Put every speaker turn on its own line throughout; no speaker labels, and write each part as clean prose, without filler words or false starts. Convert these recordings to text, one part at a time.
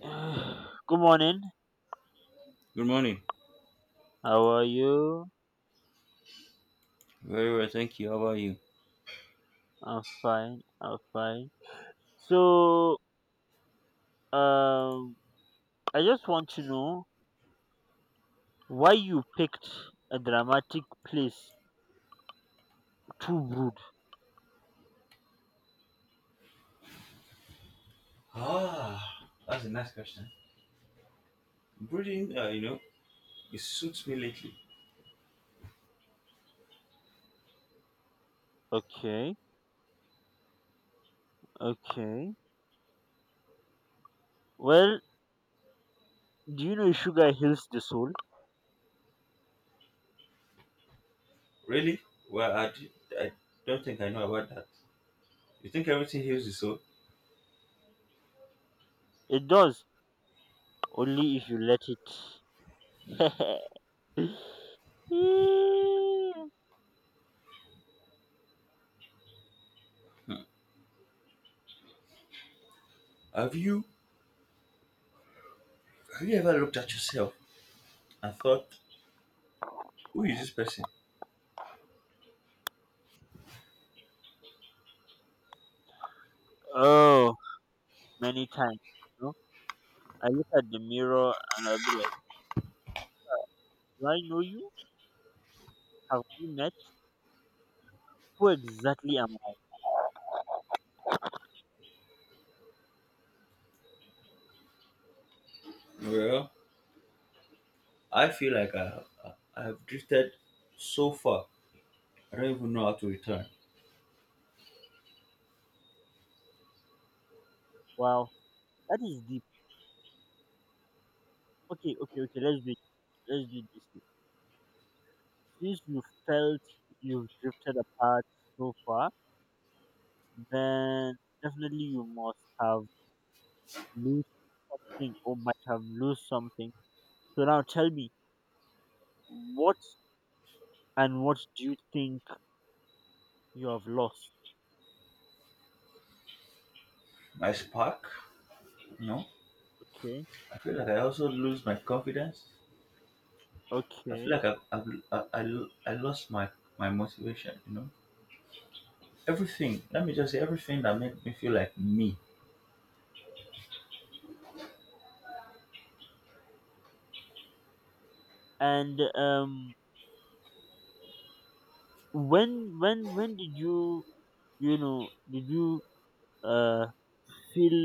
Good morning.
Good morning.
How are you?
Very well, thank you. How about you?
I'm fine. I'm fine. So, um, I just want to know why you picked a dramatic place to brood.
Ah, that's a nice question. Breathing, it suits me lately.
Okay. Okay. Well, do you know sugar heals the soul?
Really? Well, I don't think I know about that. You think everything heals the soul?
It does, only if you let it. Mm.
Have you have you ever looked at yourself and thought, who is this person?
Oh, many times. You know, I look at the mirror and I'll be like, do I know you? Have we met? Who exactly am—
Well, I feel like I've drifted so far. I don't even know how to return.
Wow, that is deep. Okay, okay, okay. Let's do it. Let's do it this way. Since you felt you've drifted apart so far, then definitely you must have lost something or might have lost something. So now tell me, what and what do you think you have lost?
My spark, you know.
Okay,
I feel like I also lose my confidence. I feel
okay.
like I lost my motivation. You know, everything. Let me just say everything that made me feel like me.
And when did you you know did you uh feel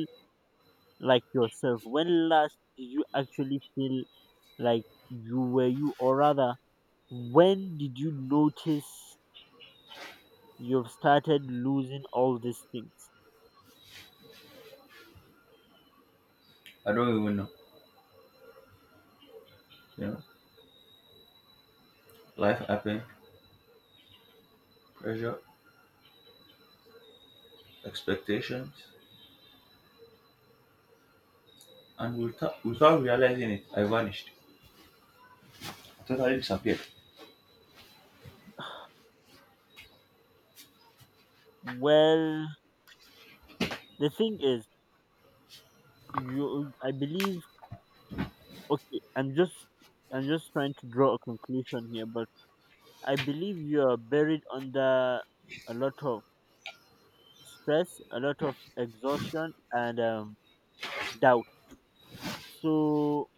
like yourself? When last did you actually feel like you were you, or rather when did you notice you've started losing all these things?
I don't even know. You know, life happened, pressure, expectations, and without realizing it, I vanished. I totally disappeared.
Well, the thing is, you I believe— okay, I'm just— I'm just trying to draw a conclusion here, but I believe you are buried under a lot of stress, a lot of exhaustion, and doubt. So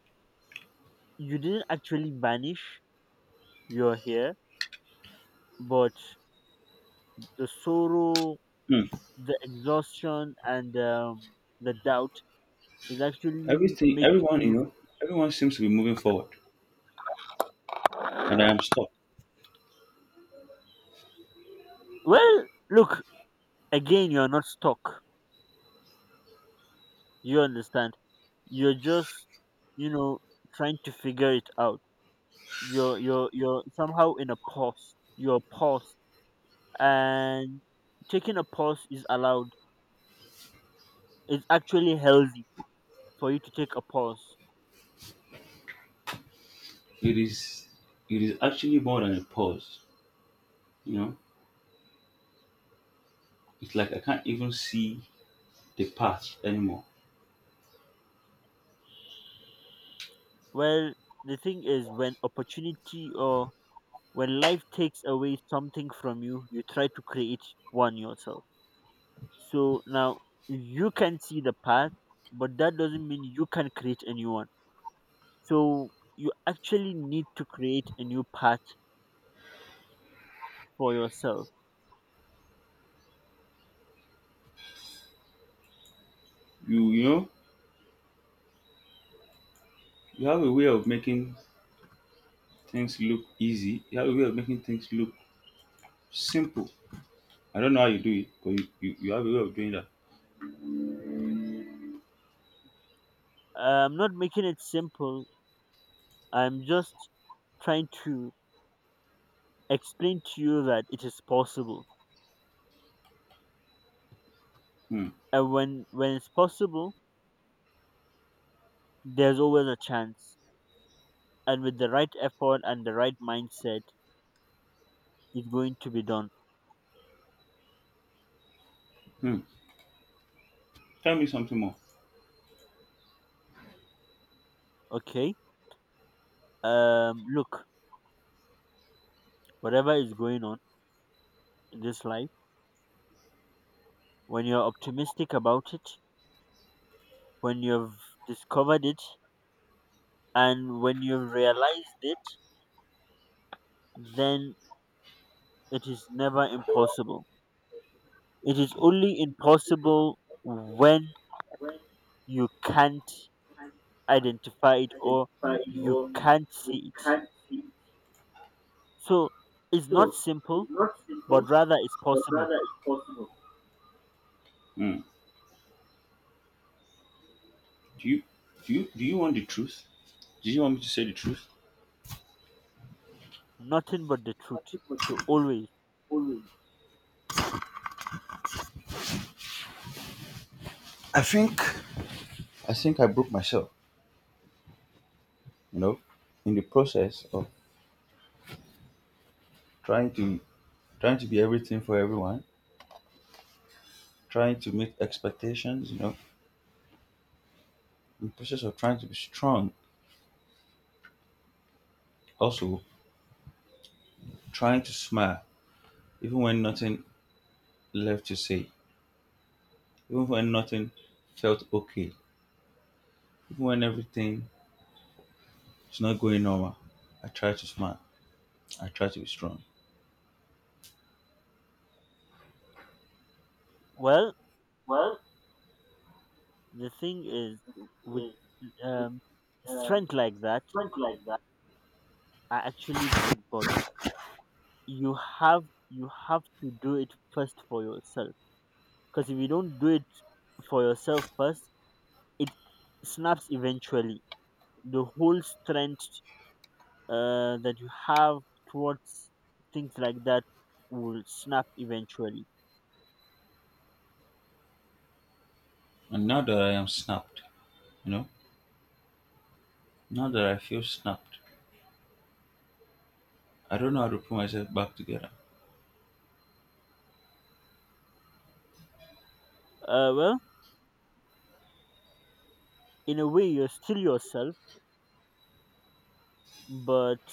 you didn't actually vanish, you're here, but the sorrow,
Hmm.
the exhaustion, and the doubt is actually
Everything,
making you—
everyone seems to be moving forward, and I am stuck.
Well, look, again, you're not stuck, you understand. You're just, you know, trying to figure it out. You're somehow in a pause, you're paused, and taking a pause is allowed. It's actually healthy for you to take a pause.
It is it is actually more than a pause. You know, it's like I can't even see the path anymore.
Well, the thing is, when opportunity, or when life takes away something from you, you try to create one yourself. So now you can see the path, but that doesn't mean you can create a new one. So you actually need to create a new path for yourself.
You know, you have a way of making things look easy. You have a way of making things look simple. I don't know how you do it, but you have a way of doing that.
I'm not making it simple. I'm just trying to explain to you that it is possible.
Hmm.
And when it's possible, there's always a chance. And with the right effort and the right mindset, it's going to be done.
Hmm. Tell me something more.
Okay? Look, whatever is going on in this life, when you're optimistic about it, when you've discovered it and when you've realized it, then it is never impossible. It is only impossible when
When
you can't
I
identify it or
identify
you
or
can't
you
see it.
can't see.
So it's not
So
simple,
it's not simple,
but rather it's
but
possible.
rather it's hmm. Do you do you want the truth? Do you want me to say the truth?
Nothing but the truth.
Nothing but.
So always.
I think I broke myself, you know, in the process of trying to trying to be everything for everyone. Trying to meet expectations, you know, in process of trying to be strong. Also, trying to smile, even when nothing left to say, even when nothing felt okay, even when everything is not going normal. I try to smile. I try to be strong.
Well,
Well,
the thing is, with
if we
um,
um,
strength like that,
went like that.
are actually good, but you have you have to do it first for yourself, because if you don't do it for yourself first, it snaps eventually. The whole strength that you have towards things like that will snap eventually.
And now that I am snapped, you know, now that I feel snapped, I don't know how to put myself back together.
Well, in a way you're still yourself, but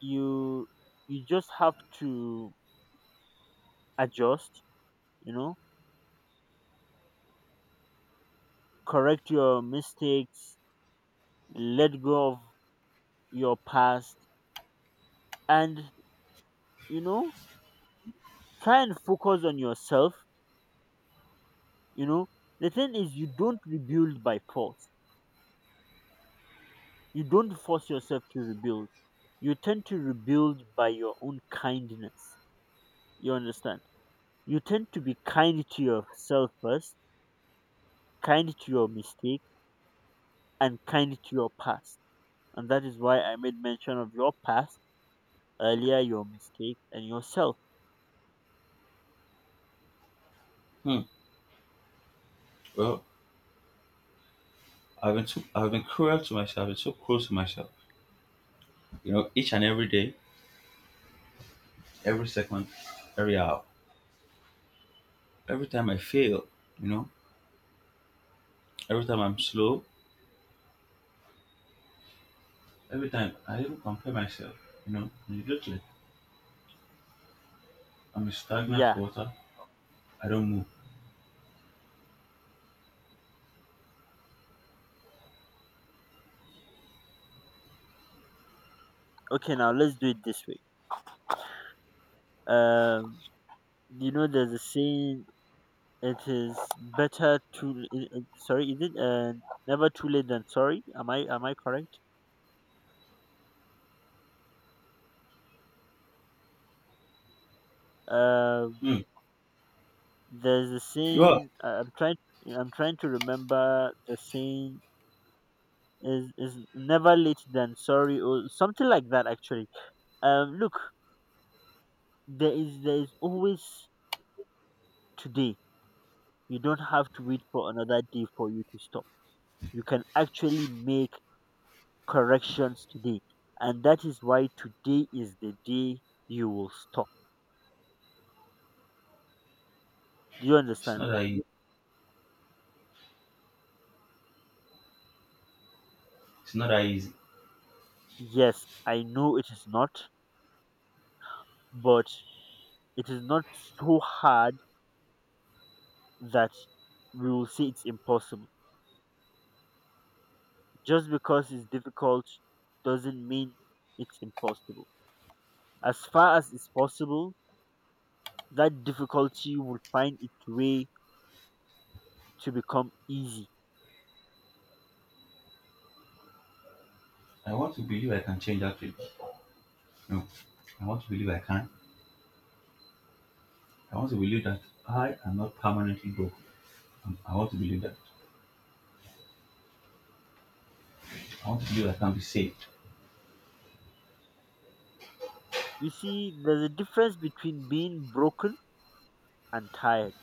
you you just have to adjust, you know, correct your mistakes, let go of your past, and, you know, try and focus on yourself. You know, the thing is, you don't rebuild by force. You don't force yourself to rebuild. You tend to rebuild by your own kindness, you understand. You tend to be kind to yourself first, kind to your mistake, and kind to your past. And that is why I made mention of your past earlier, your mistake and yourself.
Hmm. Well, I've been cruel to myself. I've been so cruel to myself. You know, each and every day, every second, every hour. Every time I fail, you know, every time I'm slow, every time I even compare myself, you know, immediately I'm in stagnant
Yeah,
water. I don't move.
okay, now let's do it this way. um you know, there's a saying. It is better to— sorry. Is it, never too late than sorry? Am I correct? Um,
Hmm.
there's a
You are.
saying. I'm trying. I'm trying to remember the saying. Is— is never late than sorry, or something like that. Actually, look, there is always today. You don't have to wait for another day for you to stop. You can actually make corrections today, and that is why today is the day you will stop. Do you
It's
understand?
not that easy. It's not that easy.
Yes, I know it is not, but it is not so hard that we will say it's impossible. Just because it's difficult doesn't mean it's impossible. As far as it's possible, that difficulty will find its way to become easy.
I want to believe I can change actually. No, I want to believe I can. I want to believe that I am not permanently broke. I want to believe that. I want to believe I can be saved.
You see, there's a difference between being broken and tired,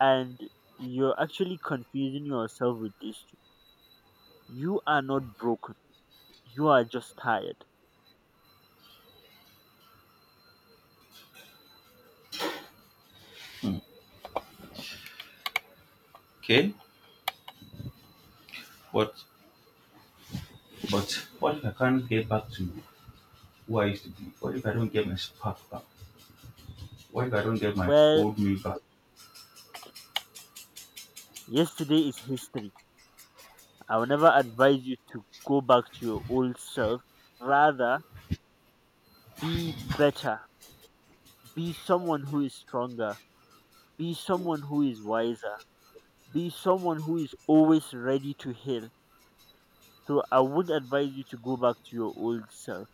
and you're actually confusing yourself with this. Two. You are not broken, you are just tired.
Okay, but but what if I can't get back to who I used to be? What if I don't get my spark back? What if I don't get my
Well,
old me back?
yesterday is history. I would never advise you to go back to your old self. Rather, be better. Be someone who is stronger. Be someone who is wiser. Be someone who is always ready to heal. So I would advise you to go back to your old self.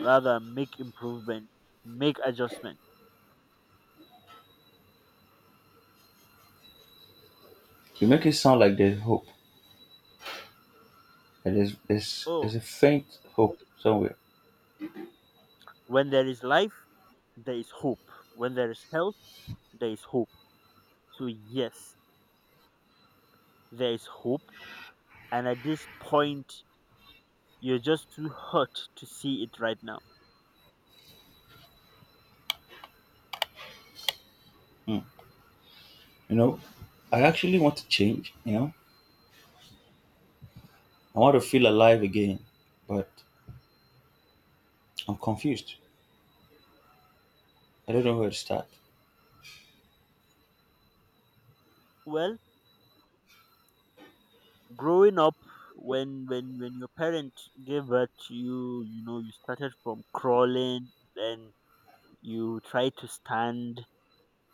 Rather, make improvement, make adjustment.
You make it sound like there's hope. That there's, there's,
Oh,
there's a faint hope somewhere.
when there is life, there is hope. When there is health, there is hope. So yes, there is hope. And at this point, you're just too hurt to see it right now.
Hmm. You know, I actually want to change, you know. I want to feel alive again, but I'm confused. I don't know where to start.
Well, growing up, when your parents gave birth to you, you know, you started from crawling, then you try to stand,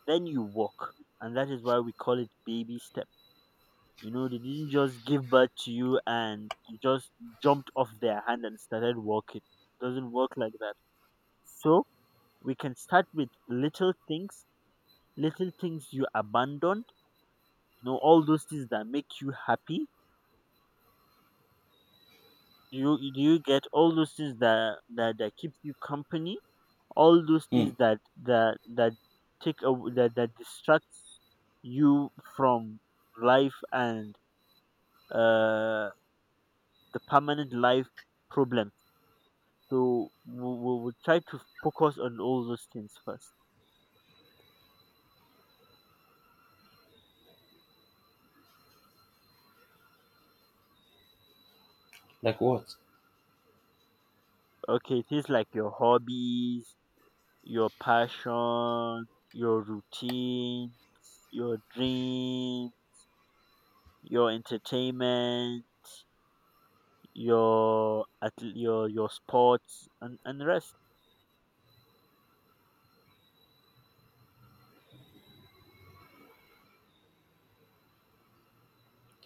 then you walk. And that is why we call it baby step. You know, they didn't just give birth to you and you just jumped off their hand and started walking. Doesn't work like that. So we can start with little things you abandoned, you know, all those things that make you happy, you do, you get all those things that keeps you company, all those
Hmm.
things that take away, that distracts you from life, and uh the permanent life problem. So we'll try to focus on all those things first.
Like what?
Okay, things like your hobbies, your passion, your routine, your dream, your entertainment, your— at your— sports, and rest.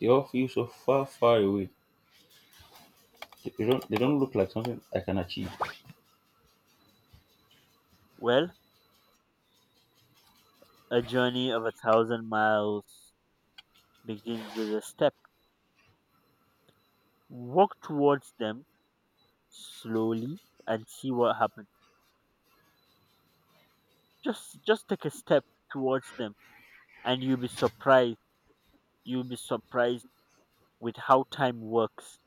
They all feel so far away. They
W-
don't look like something I can achieve.
Well, a journey of a thousand miles begins with a step. Walk towards them slowly and see what happens. Just take a step towards them and you'll be surprised. You'll be surprised with how time works.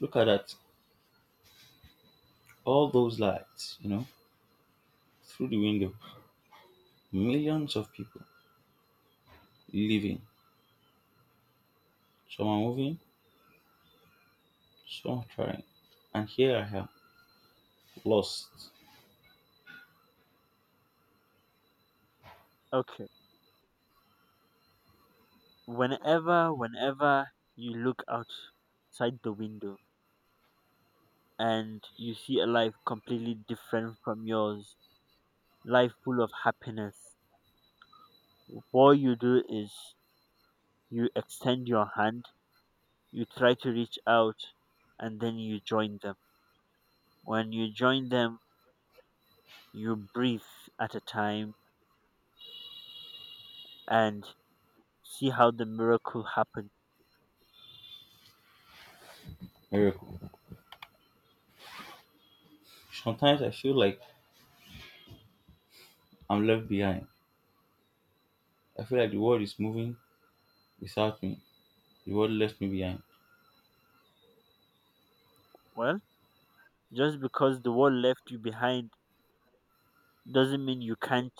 Look at that. All those lights, you know, through the window. Millions of people living. Some are moving, some are trying. And here I am, lost,
Okay. Whenever you look outside the window and you see a life completely different from yours, life full of happiness, what you do is, you extend your hand, you try to reach out, and then you join them. When you join them, you breathe at a time, and see how the miracle happens.
miracle. Sometimes I feel like I'm left behind. I feel like the world is moving without me. The world left me behind.
Well, just because the world left you behind doesn't mean you can't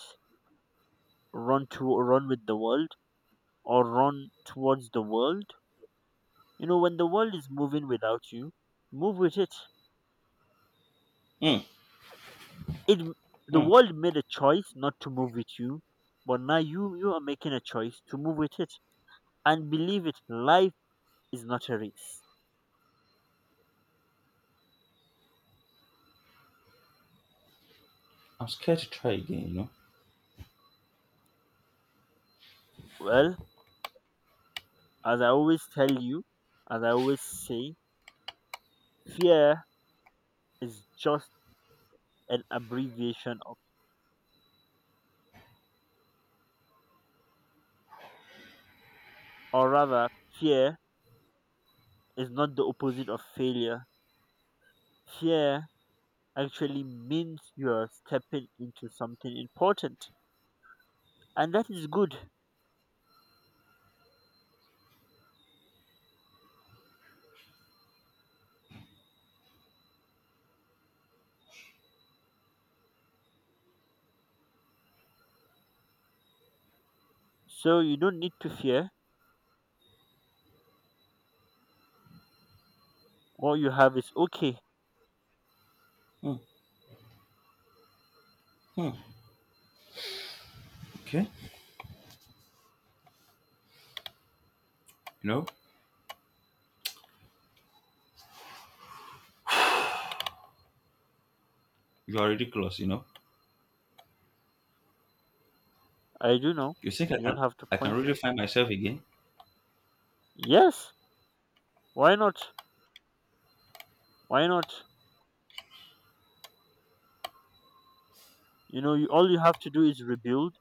run to— run with the world, or run towards the world. You know, when the world is moving without you, move with it.
Mm,
It— the
mm.
world made a choice not to move with you, but now you are making a choice to move with it. And believe it, life is not a race.
I'm scared to try again, you know.
Well, as I always tell you, as I always say, fear is just an abbreviation of— or rather, fear is not the opposite of failure. Fear actually means you are stepping into something important, and that is good. So you don't need to fear, what you have is okay.
Mm, mm. Okay, you know, you are ridiculous, you know.
I do know.
You think
You don't have to
I can
point. At—
really find myself again?
yes. Why not? Why not? You know, all you have to do is rebuild,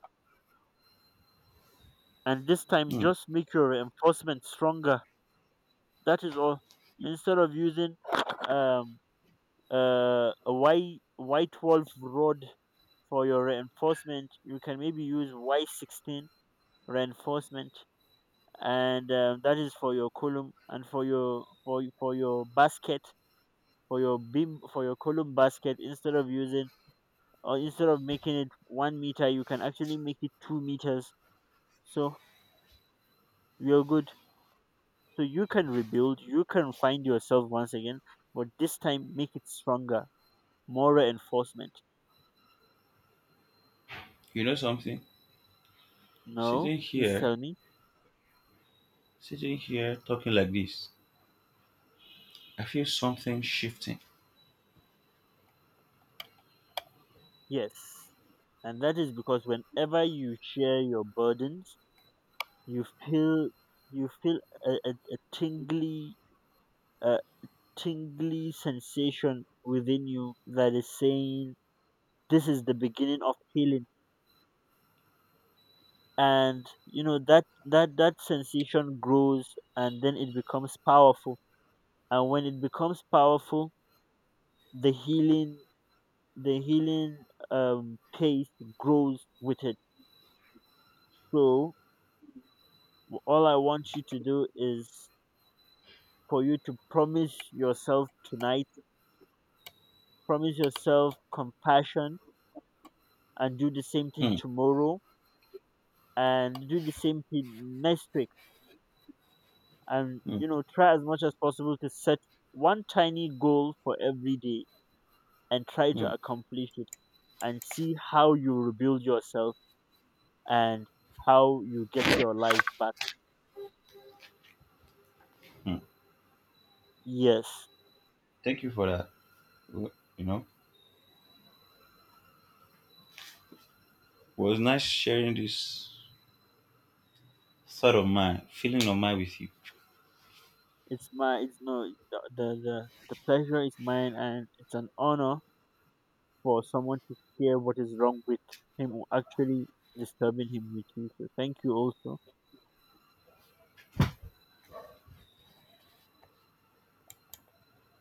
and this time
Hmm.
just make your reinforcement stronger. That is all. Instead of using um a Y white wolf rod for your reinforcement, you can maybe use Y 16 reinforcement, and that is for your column and for your— for your basket, for your beam, for your column basket. Instead of using, or instead of making it 1 meter, you can actually make it 2 meters. So you're good. So you can rebuild, you can find yourself once again, but this time make it stronger, more reinforcement.
You know something?
No,
Sitting
please
here,
tell me.
sitting here talking like this, I feel something shifting.
Yes. And that is because whenever you share your burdens, you feel you feel a tingly— a tingly sensation within you that is saying, this is the beginning of healing. And you know that that sensation grows, and then it becomes powerful. And when it becomes powerful, the healing the healing pace grows with it. So all I want you to do is, for you to promise yourself tonight, promise yourself compassion, and do the same thing
Hmm.
tomorrow, and do the same thing next week. And,
Hmm.
you know, try as much as possible to set one tiny goal for every day, and try to
Hmm.
accomplish it, and see how you rebuild yourself, and how you get your life back.
Hmm.
Yes,
Thank you for that. W- You know, it was nice sharing this sort of man, feeling of man with you.
it's my— it's no— the pleasure is mine, and it's an honor for someone to hear what is wrong with him, or actually disturbing him, with you. So thank you also.